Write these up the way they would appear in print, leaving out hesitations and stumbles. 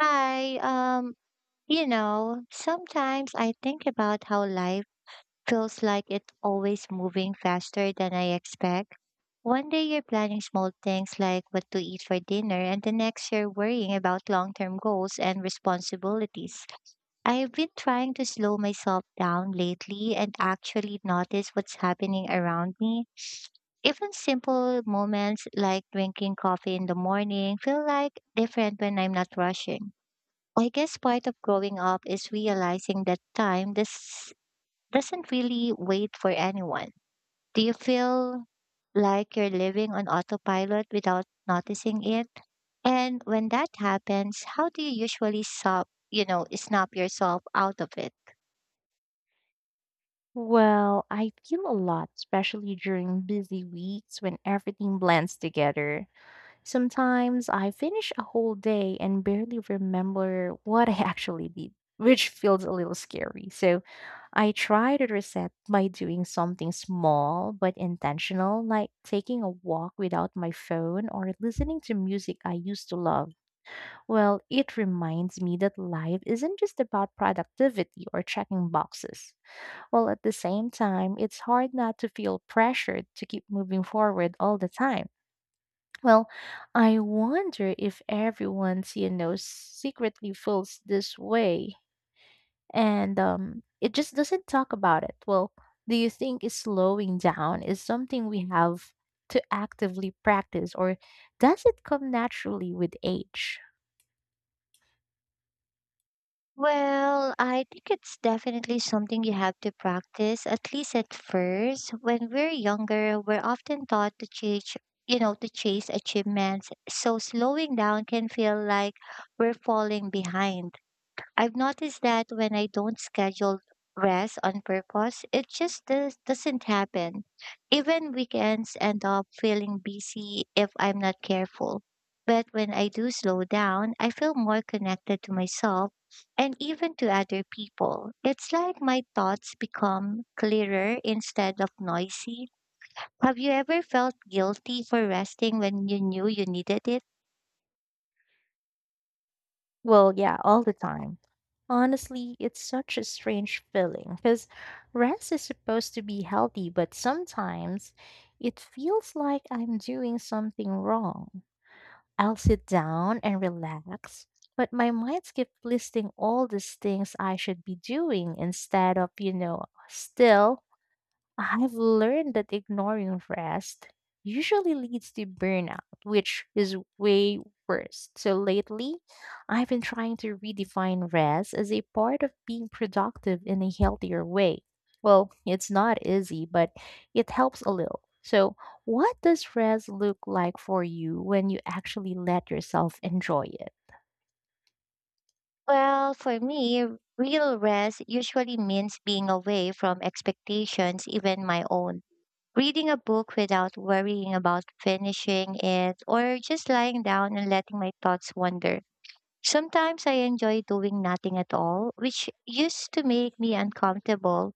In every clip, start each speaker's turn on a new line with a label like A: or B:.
A: Hi, um, Sometimes I think about how life feels like it's always moving faster than I expect. One day you're planning small things like what to eat for dinner, and the next you're worrying about long-term goals and responsibilities. I've been trying to slow myself down lately and actually notice what's happening around me. Even simple moments like drinking coffee in the morning feel like different when I'm not rushing. I guess part of growing up is realizing that time this doesn't really wait for anyone. Do you feel like you're living on autopilot without noticing it? And when that happens, how do you usually stop, snap yourself out of it?
B: Well, I feel a lot, especially during busy weeks when everything blends together. Sometimes I finish a whole day and barely remember what I actually did, which feels a little scary. So I try to reset by doing something small but intentional, like taking a walk without my phone or listening to music I used to love. Well, it reminds me that life isn't just about productivity or checking boxes. While at the same time, it's hard not to feel pressured to keep moving forward all the time. Well, I wonder if everyone's secretly feels this way and it just doesn't talk about it. Well, do you think is slowing down is something we have to actively practice or does it come naturally with age?
A: Well, I think it's definitely something you have to practice, at least at first. When we're younger, we're often taught to chase, you know, to chase achievements. So slowing down can feel like we're falling behind. I've noticed that when I don't schedule rest on purpose, it just doesn't happen. Even weekends end up feeling busy if I'm not careful. But when I do slow down, I feel more connected to myself and even to other people. It's like my thoughts become clearer instead of noisy. Have you ever felt guilty for resting when you knew you needed it?
B: Well, yeah, all the time. Honestly, it's such a strange feeling because rest is supposed to be healthy, but sometimes it feels like I'm doing something wrong. I'll sit down and relax, but my mind keeps listing all these things I should be doing instead of still I've learned that ignoring rest usually leads to burnout, which is way worse. So lately, I've been trying to redefine rest as a part of being productive in a healthier way. Well, it's not easy, but it helps a little. So, what does rest look like for you when you actually let yourself enjoy it?
A: Well, for me, real rest usually means being away from expectations, even my own. Reading a book without worrying about finishing it, or just lying down and letting my thoughts wander. Sometimes I enjoy doing nothing at all, which used to make me uncomfortable.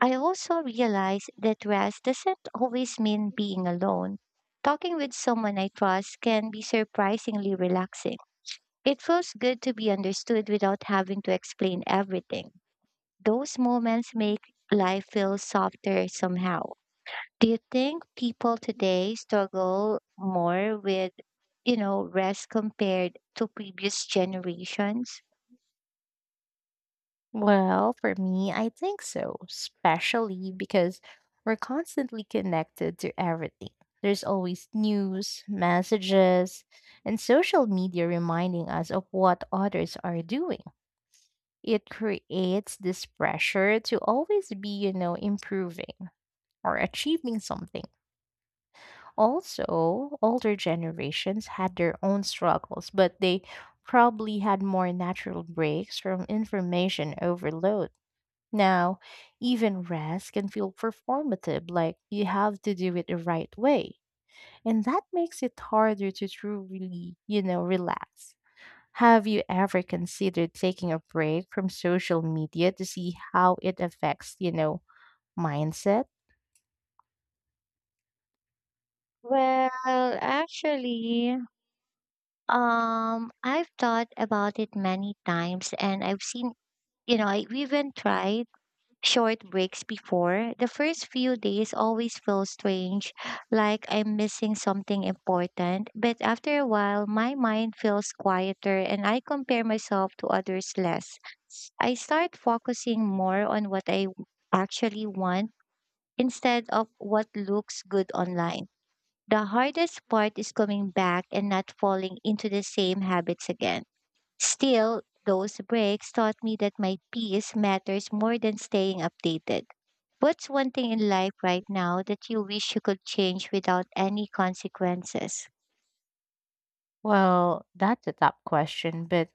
A: I also realize that rest doesn't always mean being alone. Talking with someone I trust can be surprisingly relaxing. It feels good to be understood without having to explain everything. Those moments make life feel softer somehow. Do you think people today struggle more with, rest compared to previous generations?
B: Well, for me, I think so, especially because we're constantly connected to everything. There's always news, messages, and social media reminding us of what others are doing. It creates this pressure to always be improving or achieving something. Also, older generations had their own struggles, but they probably had more natural breaks from information overload. Now, even rest can feel performative, like you have to do it the right way. And that makes it harder to truly relax. Have you ever considered taking a break from social media to see how it affects mindset?
A: Well, actually, I've thought about it many times and I've seen, I even tried short breaks before, the first few days always feel strange, like I'm missing something important. But after a while, my mind feels quieter and I compare myself to others less. I start focusing more on what I actually want instead of what looks good online. The hardest part is coming back and not falling into the same habits again. Still, those breaks taught me that my peace matters more than staying updated. What's one thing in life right now that you wish you could change without any consequences?
B: Well, that's a tough question, but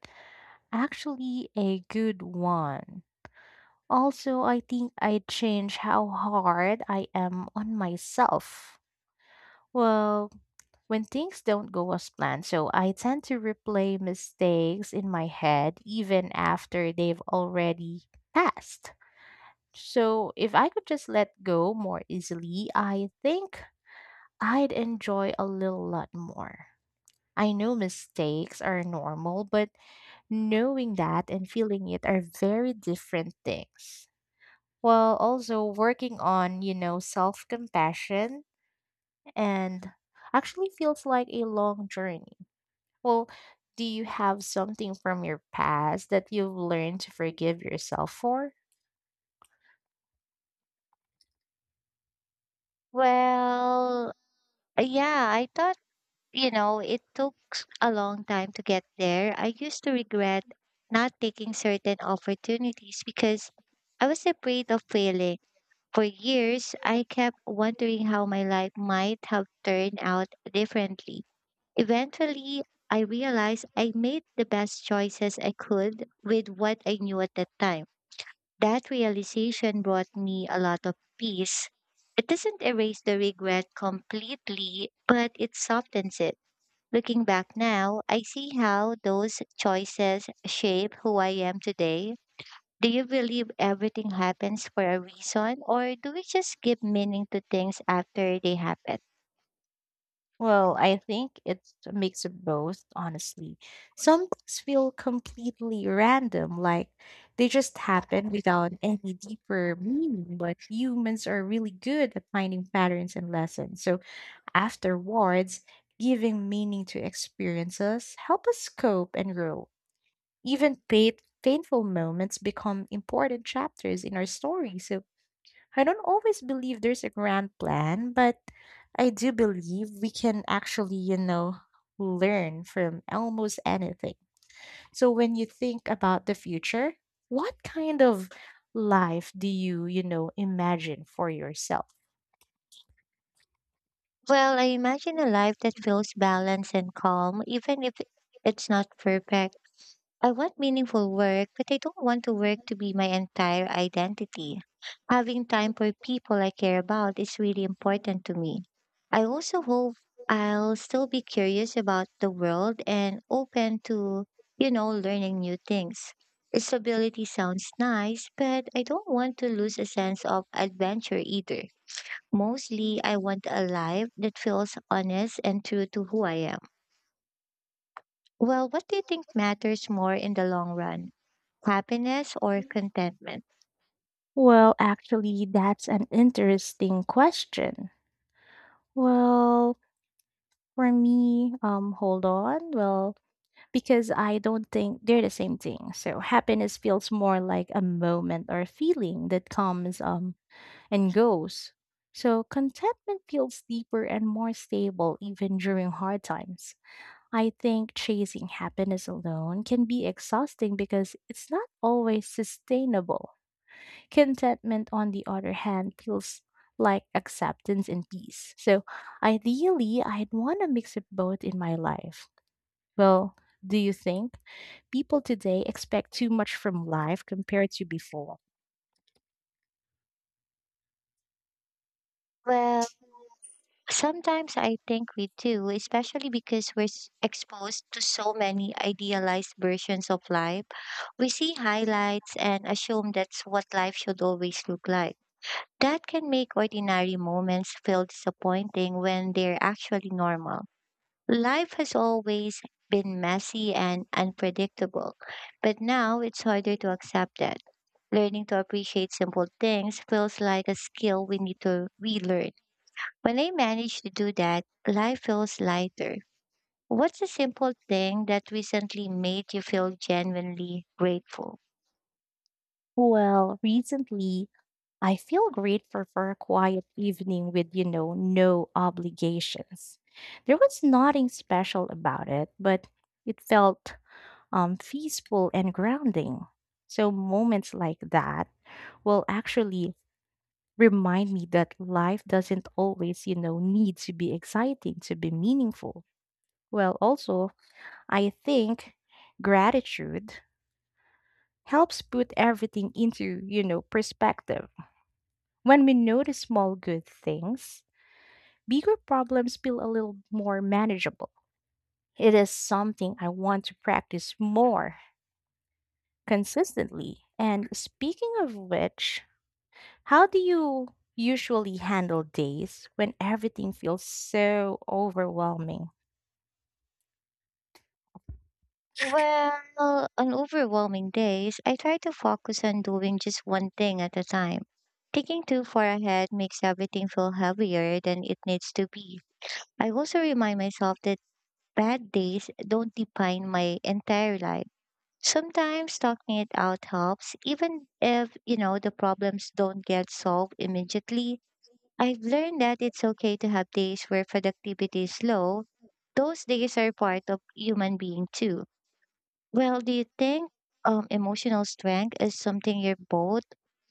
B: actually a good one. Also, I think I change how hard I am on myself. Well, when things don't go as planned. So I tend to replay mistakes in my head even after they've already passed. So if I could just let go more easily, I think I'd enjoy a little lot more. I know mistakes are normal, but knowing that and feeling it are very different things. While also working on self compassion and actually feels like a long journey. Well, do you have something from your past that you've learned to forgive yourself for?
A: Well, yeah, I thought, it took a long time to get there. I used to regret not taking certain opportunities because I was afraid of failing. For years, I kept wondering how my life might have turned out differently. Eventually, I realized I made the best choices I could with what I knew at that time. That realization brought me a lot of peace. It doesn't erase the regret completely, but it softens it. Looking back now, I see how those choices shape who I am today. Do you believe everything happens for a reason, or do we just give meaning to things after they happen?
B: Well, I think it's a mix of both, honestly. Some things feel completely random, like they just happen without any deeper meaning, but humans are really good at finding patterns and lessons. So afterwards, giving meaning to experiences help us cope and grow. Even painful moments become important chapters in our story. So I don't always believe there's a grand plan, but I do believe we can actually learn from almost anything. So when you think about the future, what kind of life do you imagine for yourself?
A: Well, I imagine a life that feels balanced and calm, even if it's not perfect. I want meaningful work, but I don't want to work to be my entire identity. Having time for people I care about is really important to me. I also hope I'll still be curious about the world and open to, learning new things. Stability sounds nice, but I don't want to lose a sense of adventure either. Mostly, I want a life that feels honest and true to who I am. Well, what do you think matters more in the long run? Happiness or contentment?
B: Well, actually, that's an interesting question. Well, for me, hold on. Well, because I don't think they're the same thing. So happiness feels more like a moment or a feeling that comes and goes. So contentment feels deeper and more stable even during hard times. I think chasing happiness alone can be exhausting because it's not always sustainable. Contentment on the other hand feels like acceptance and peace. So ideally I'd want a mix of both in my life. Well, do you think people today expect too much from life compared to before.
A: Well, sometimes I think we do, especially because we're exposed to so many idealized versions of life. We see highlights and assume that's what life should always look like. That can make ordinary moments feel disappointing when they're actually normal. Life has always been messy and unpredictable, but now it's harder to accept that. Learning to appreciate simple things feels like a skill we need to relearn. When I manage to do that, life feels lighter. What's a simple thing that recently made you feel genuinely grateful?
B: Well, recently, I feel grateful for a quiet evening with no obligations. There was nothing special about it, but it felt peaceful and grounding. So, moments like that will actually remind me that life doesn't always need to be exciting to be meaningful. Well, also, I think gratitude helps put everything into perspective. When we notice small good things, bigger problems feel a little more manageable. It is something I want to practice more consistently. And speaking of which, how do you usually handle days when everything feels so overwhelming?
A: Well, on overwhelming days, I try to focus on doing just one thing at a time. Thinking too far ahead makes everything feel heavier than it needs to be. I also remind myself that bad days don't define my entire life. Sometimes talking it out helps, even if, the problems don't get solved immediately. I've learned that it's okay to have days where productivity is low. Those days are part of human being too. Well, do you think emotional strength is something you're both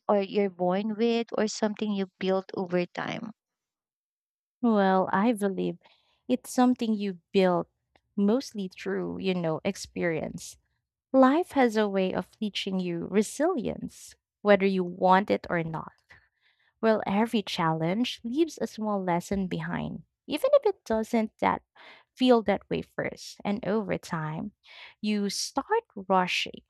A: or you're born with or something you build over time?
B: Well, I believe it's something you build mostly through experience. Life has a way of teaching you resilience, whether you want it or not. Well, every challenge leaves a small lesson behind, even if it doesn't that feel that way first. And over time, you start rushing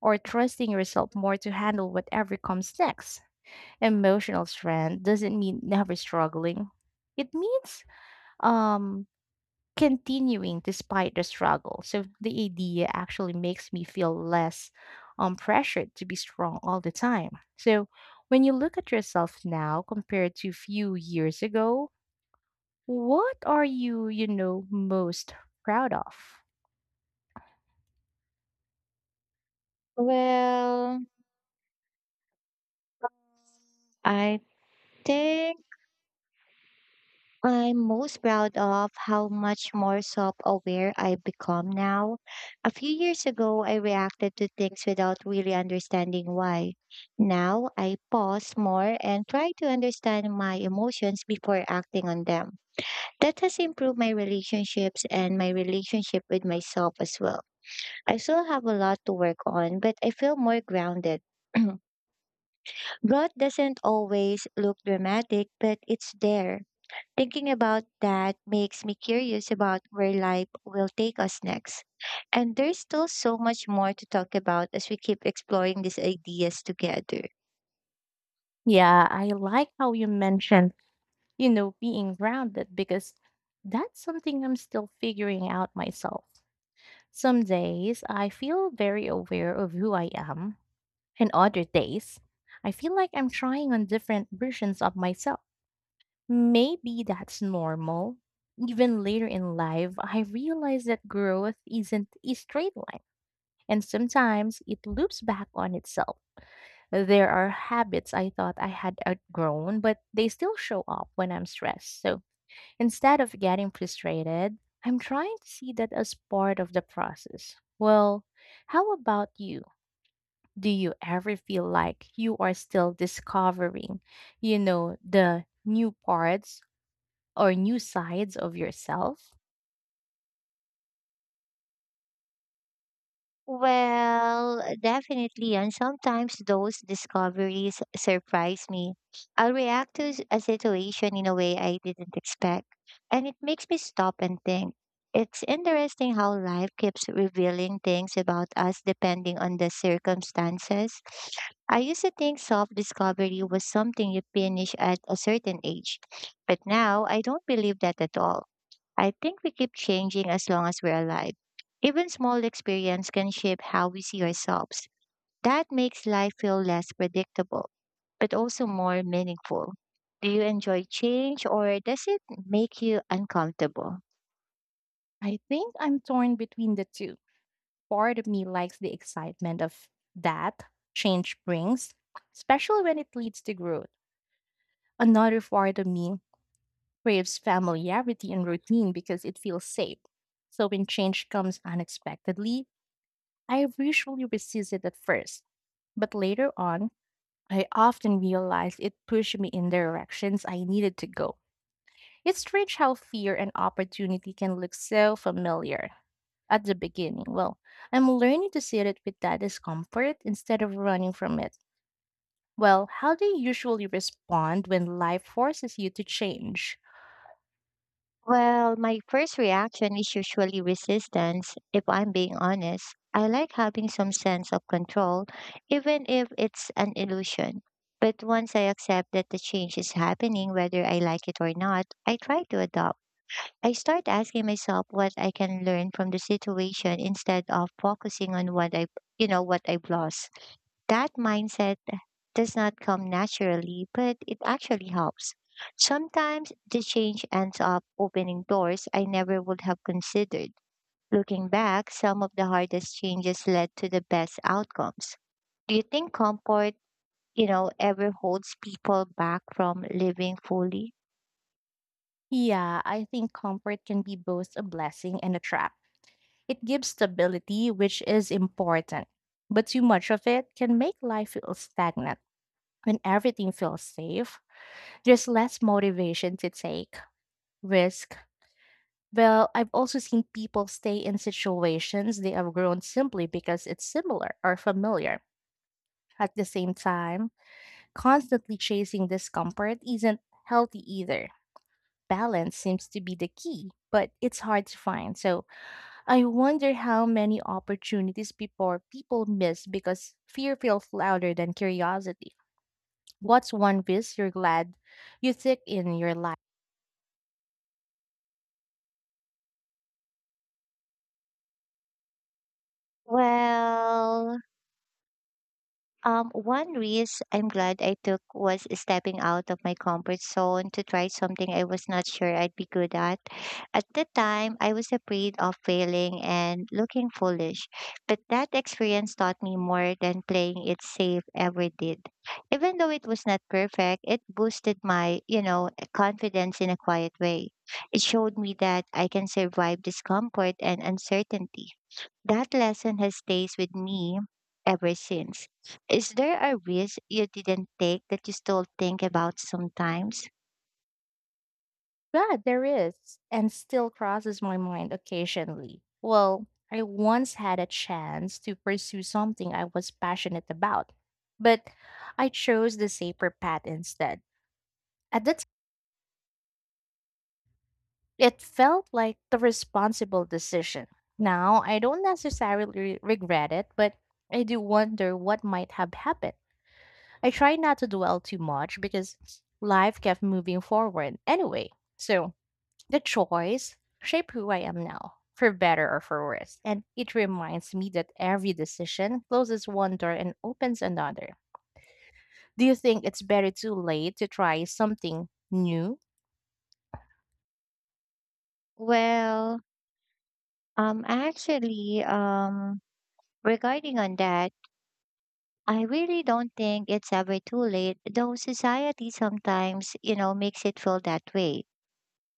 B: or trusting yourself more to handle whatever comes next. Emotional strength doesn't mean never struggling. It means um continuing despite the struggle. So the idea actually makes me feel less pressured to be strong all the time. So when you look at yourself now compared to few years ago, what are you most proud of?
A: Well, I think I'm most proud of how much more self aware I've become now. A few years ago, I reacted to things without really understanding why. Now, I pause more and try to understand my emotions before acting on them. That has improved my relationships and my relationship with myself as well. I still have a lot to work on, but I feel more grounded. Growth doesn't always look dramatic, but it's there. Thinking about that makes me curious about where life will take us next. And there's still so much more to talk about as we keep exploring these ideas together.
B: Yeah, I like how you mentioned being grounded because that's something I'm still figuring out myself. Some days I feel very aware of who I am. And other days, I feel like I'm trying on different versions of myself. Maybe that's normal. Even later in life, I realize that growth isn't a straight line, and sometimes it loops back on itself. There are habits I thought I had outgrown, but they still show up when I'm stressed. So instead of getting frustrated, I'm trying to see that as part of the process. Well, how about you? Do you ever feel like you are still discovering the new parts or new sides of yourself?
A: Well, definitely. And sometimes those discoveries surprise me. I'll react to a situation in a way I didn't expect, and it makes me stop and think. It's interesting how life keeps revealing things about us depending on the circumstances. I used to think self discovery was something you finish at a certain age, but now I don't believe that at all. I think we keep changing as long as we're alive. Even small experience can shape how we see ourselves. That makes life feel less predictable, but also more meaningful. Do you enjoy change or does it make you uncomfortable?
B: I think I'm torn between the two. Part of me likes the excitement of that change brings, especially when it leads to growth. Another part of me craves familiarity and routine because it feels safe. So when change comes unexpectedly, I usually resist it at first, but later on, I often realized it pushed me in directions I needed to go. It's strange how fear and opportunity can look so familiar at the beginning. Well, I'm learning to sit it with that discomfort instead of running from it. Well, how do you usually respond when life forces you to change?
A: Well, my first reaction is usually resistance, if I'm being honest. I like having some sense of control, even if it's an illusion. But once I accept that the change is happening, whether I like it or not, I try to adapt. I start asking myself what I can learn from the situation instead of focusing on what I've lost. That mindset does not come naturally, but it actually helps. Sometimes the change ends up opening doors I never would have considered. Looking back, some of the hardest changes led to the best outcomes. Do you think comfort, ever holds people back from living fully?
B: Yeah, I think comfort can be both a blessing and a trap. It gives stability, which is important, but too much of it can make life feel stagnant. When everything feels safe, there's less motivation to take risk. Well, I've also seen people stay in situations they have grown simply because it's similar or familiar. At the same time, constantly chasing discomfort isn't healthy either. Balance seems to be the key, but it's hard to find. So I wonder how many opportunities before people miss because fear feels louder than curiosity. What's one risk you're glad you took in your life?
A: Well, one risk I'm glad I took was stepping out of my comfort zone to try something I was not sure I'd be good at. At the time, I was afraid of failing and looking foolish, but that experience taught me more than playing it safe ever did. Even though it was not perfect, it boosted my, confidence in a quiet way. It showed me that I can survive discomfort and uncertainty. That lesson has stays with me ever since. Is there a risk you didn't take that you still think about sometimes?
B: Yeah, there is, and still crosses my mind occasionally. Well, I once had a chance to pursue something I was passionate about, but I chose the safer path instead. At that time, it felt like the responsible decision. Now, I don't necessarily regret it, but I do wonder what might have happened. I try not to dwell too much because life kept moving forward anyway. So, the choice shape who I am now, for better or for worse, and it reminds me that every decision closes one door and opens another. Do you think it's better too late to try something new?
A: Well, um, actually, um, regarding on that, I really don't think it's ever too late, though society sometimes, makes it feel that way.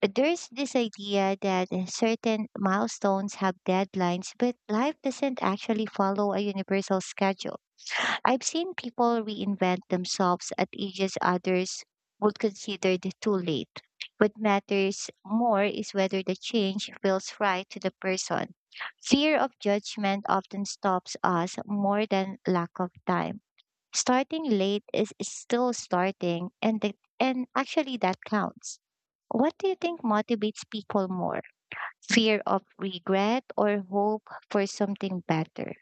A: There's this idea that certain milestones have deadlines, but life doesn't actually follow a universal schedule. I've seen people reinvent themselves at ages others would consider the too late. What matters more is whether the change feels right to the person. Fear of judgment often stops us more than lack of time. Starting late is still starting, and actually that counts. What do you think motivates people more? Fear of regret or hope for something better?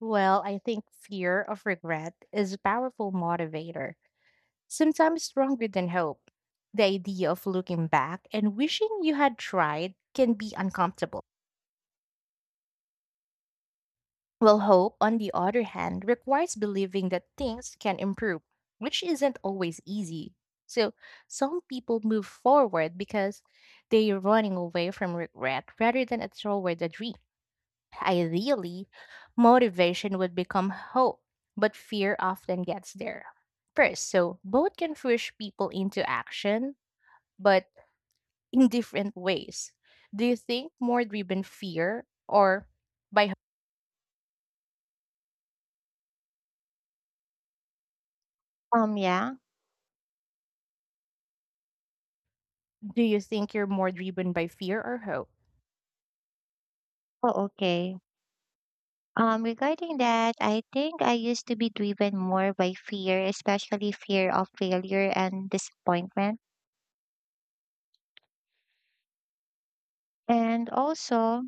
B: Well, I think fear of regret is a powerful motivator, sometimes stronger than hope. The idea of looking back and wishing you had tried can be uncomfortable. Well, hope, on the other hand, requires believing that things can improve, which isn't always easy. So, some people move forward because they're running away from regret rather than a toward the dream. Ideally, motivation would become hope, but fear often gets there first. So, both can push people into action, but in different ways. Do you think more driven fear or by.
A: Yeah.
B: Do you think you're more driven by fear or hope?
A: Oh, okay. Regarding that, I think I used to be driven more by fear, especially fear of failure and disappointment. And also,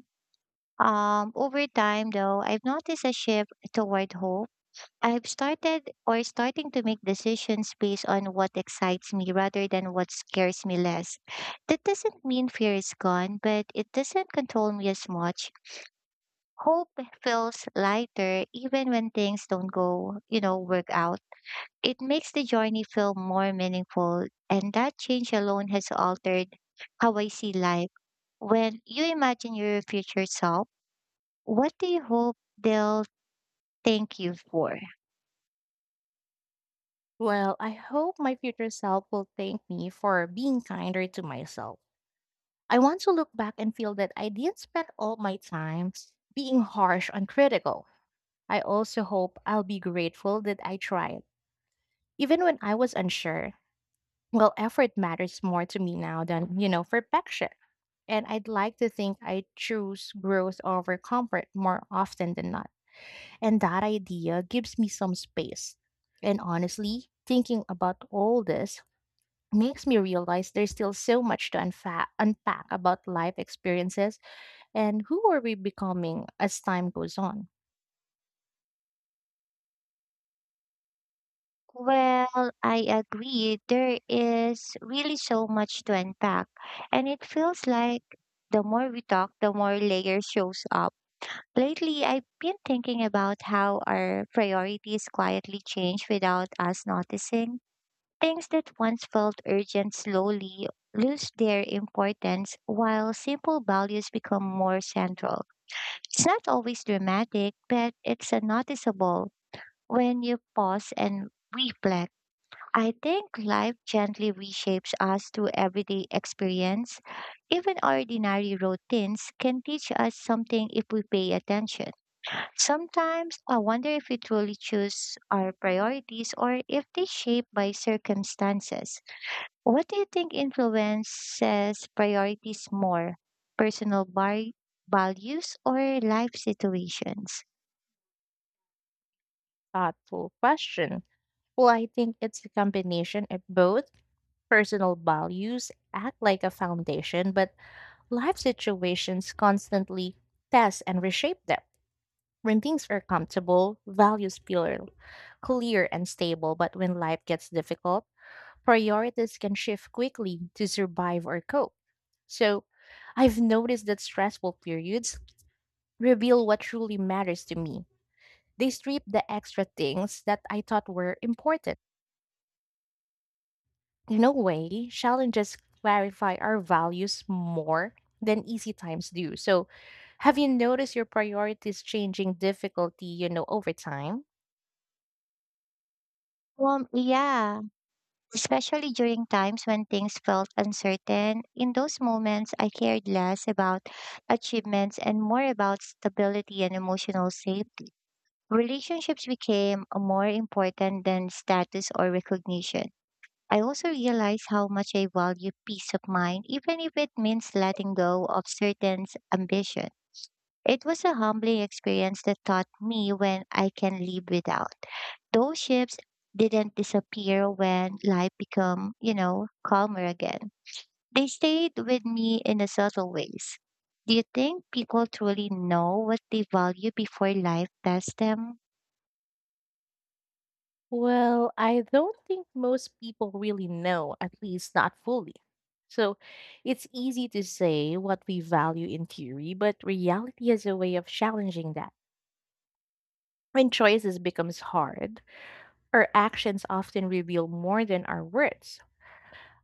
A: over time, though, I've noticed a shift toward hope. I've started or Starting to make decisions based on what excites me rather than what scares me less. That doesn't mean fear is gone, but it doesn't control me as much. Hope feels lighter even when things don't work out. It makes the journey feel more meaningful, and that change alone has altered how I see life. When you imagine your future self, what do you hope they'll thank you for?
B: Well, I hope my future self will thank me for being kinder to myself. I want to look back and feel that I didn't spend all my time being harsh and critical. I also hope I'll be grateful that I tried, even when I was unsure. Well, effort matters more to me now than perfection. And I'd like to think I choose growth over comfort more often than not. And that idea gives me some space. And honestly, thinking about all this makes me realize there's still so much to unpack about life experiences and who are we becoming as time goes on.
A: Well, I agree. There is really so much to unpack, and it feels like the more we talk, the more layers shows up. Lately, I've been thinking about how our priorities quietly change without us noticing. Things that once felt urgent slowly lose their importance while simple values become more central. It's not always dramatic, but it's a noticeable when you pause and reflect. I think life gently reshapes us through everyday experience. Even ordinary routines can teach us something if we pay attention. Sometimes I wonder if we truly choose our priorities or if they shape by circumstances. What do you think influences priorities more? Personal bar- Values or life situations?
B: Thoughtful question. Well, I think it's a combination of both personal values act like a foundation, but life situations constantly test and reshape them. When things are comfortable, values feel clear and stable, but when life gets difficult, priorities can shift quickly to survive or cope. So, I've noticed that stressful periods reveal what truly matters to me. They strip the extra things that I thought were important. In a way, challenges clarify our values more than easy times do. So, have you noticed your priorities changing difficulty over time?
A: Well, yeah, especially during times when things felt uncertain. In those moments, I cared less about achievements and more about stability and emotional safety. Relationships became more important than status or recognition. I also realize how much I value peace of mind, even if it means letting go of certain ambition. It was a humbling experience that taught me when I can live without. Those ships didn't disappear when life became, calmer again. They stayed with me in a subtle ways. Do you think people truly know what they value before life tests them?
B: Well, I don't think most people really know, at least not fully. So it's easy to say what we value in theory, but reality has a way of challenging that. When choices becomes hard, our actions often reveal more than our words.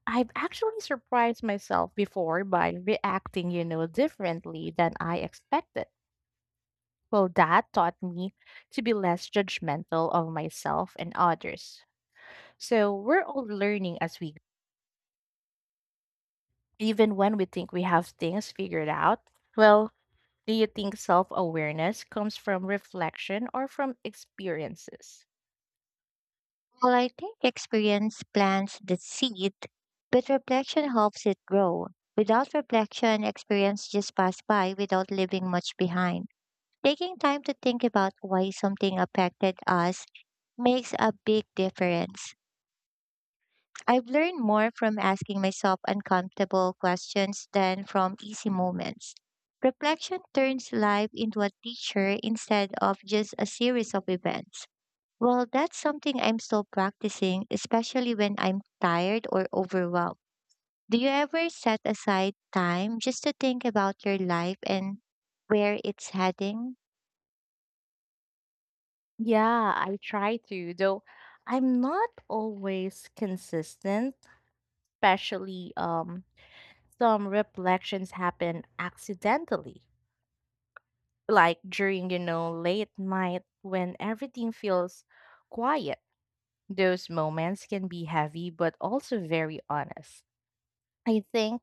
B: I've actually surprised myself before by reacting differently than I expected. Well, that taught me to be less judgmental of myself and others. So we're all learning as we even when we think we have things figured out? Well, do you think self awareness comes from reflection or from experiences?
A: Well, I think experience plants the seed, but reflection helps it grow. Without reflection, experience just pass by without leaving much behind. Taking time to think about why something affected us makes a big difference. I've learned more from asking myself uncomfortable questions than from easy moments. Reflection turns life into a teacher instead of just a series of events. Well, that's something I'm still practicing, especially when I'm tired or overwhelmed. Do you ever set aside time just to think about your life and where it's heading?
B: Yeah, I try to, though I'm not always consistent, especially some reflections happen accidentally, like during late night when everything feels quiet. Those moments can be heavy but also very honest. I think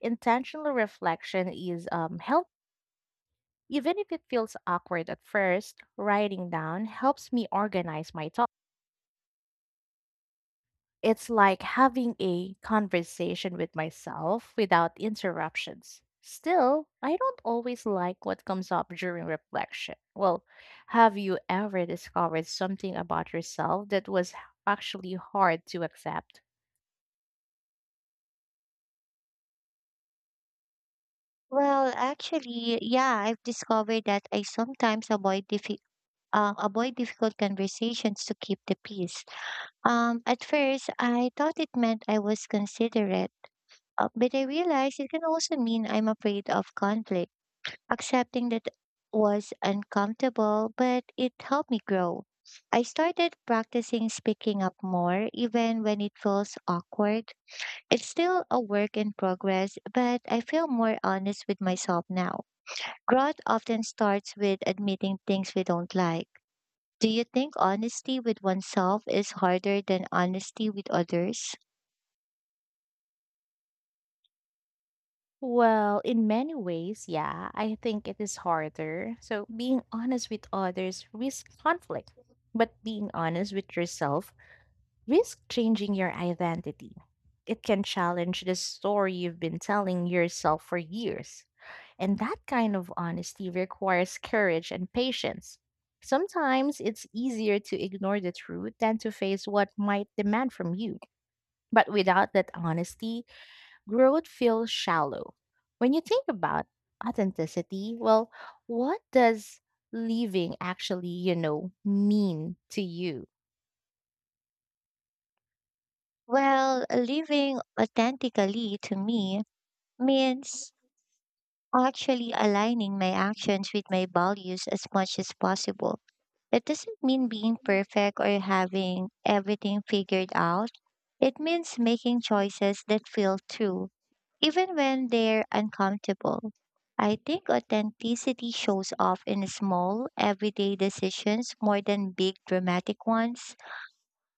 B: intentional reflection is help even if it feels awkward at first, writing down helps me organize my thoughts. It's like having a conversation with myself without interruptions. Still, I don't always like what comes up during reflection. Well, have you ever discovered something about yourself that was actually hard to accept?
A: Well, actually, yeah, I've discovered that I sometimes avoid difficult conversations to keep the peace. At first, I thought it meant I was considerate, but I realized it can also mean I'm afraid of conflict. Accepting that was uncomfortable, but it helped me grow. I started practicing speaking up more, even when it feels awkward. It's still a work in progress, but I feel more honest with myself now. Growth often starts with admitting things we don't like. Do you think honesty with oneself is harder than honesty with others?
B: Well, in many ways, yeah, I think it is harder. So, being honest with others risks conflict, but being honest with yourself risks changing your identity. It can challenge the story you've been telling yourself for years. And that kind of honesty requires courage and patience. Sometimes it's easier to ignore the truth than to face what might demand from you. But without that honesty, growth feels shallow. When you think about authenticity, well, what does leaving actually mean to you?
A: Well, living authentically to me means actually aligning my actions with my values as much as possible. It doesn't mean being perfect or having everything figured out. It means making choices that feel true, even when they're uncomfortable. I think authenticity shows off in small, everyday decisions more than big, dramatic ones.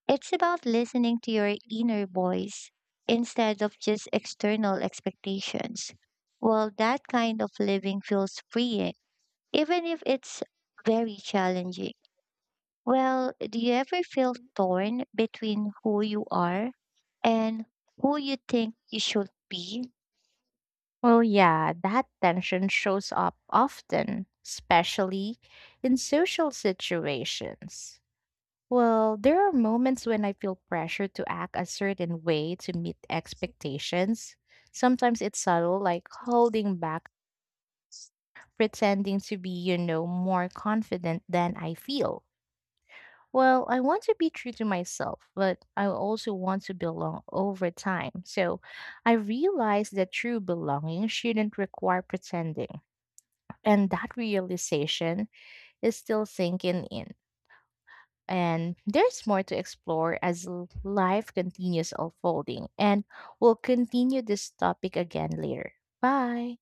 A: It's about listening to your inner voice instead of just external expectations. Well, that kind of living feels freeing, even if it's very challenging. Well, do you ever feel torn between who you are and who you think you should be?
B: Well, yeah, that tension shows up often, especially in social situations. Well, there are moments when I feel pressure to act a certain way to meet expectations. Sometimes it's subtle, like holding back pretending to be more confident than I feel. Well, I want to be true to myself, but I also want to belong over time. So I realized that true belonging shouldn't require pretending. And that realization is still sinking in. And there's more to explore as life continues unfolding. And we'll continue this topic again later. Bye.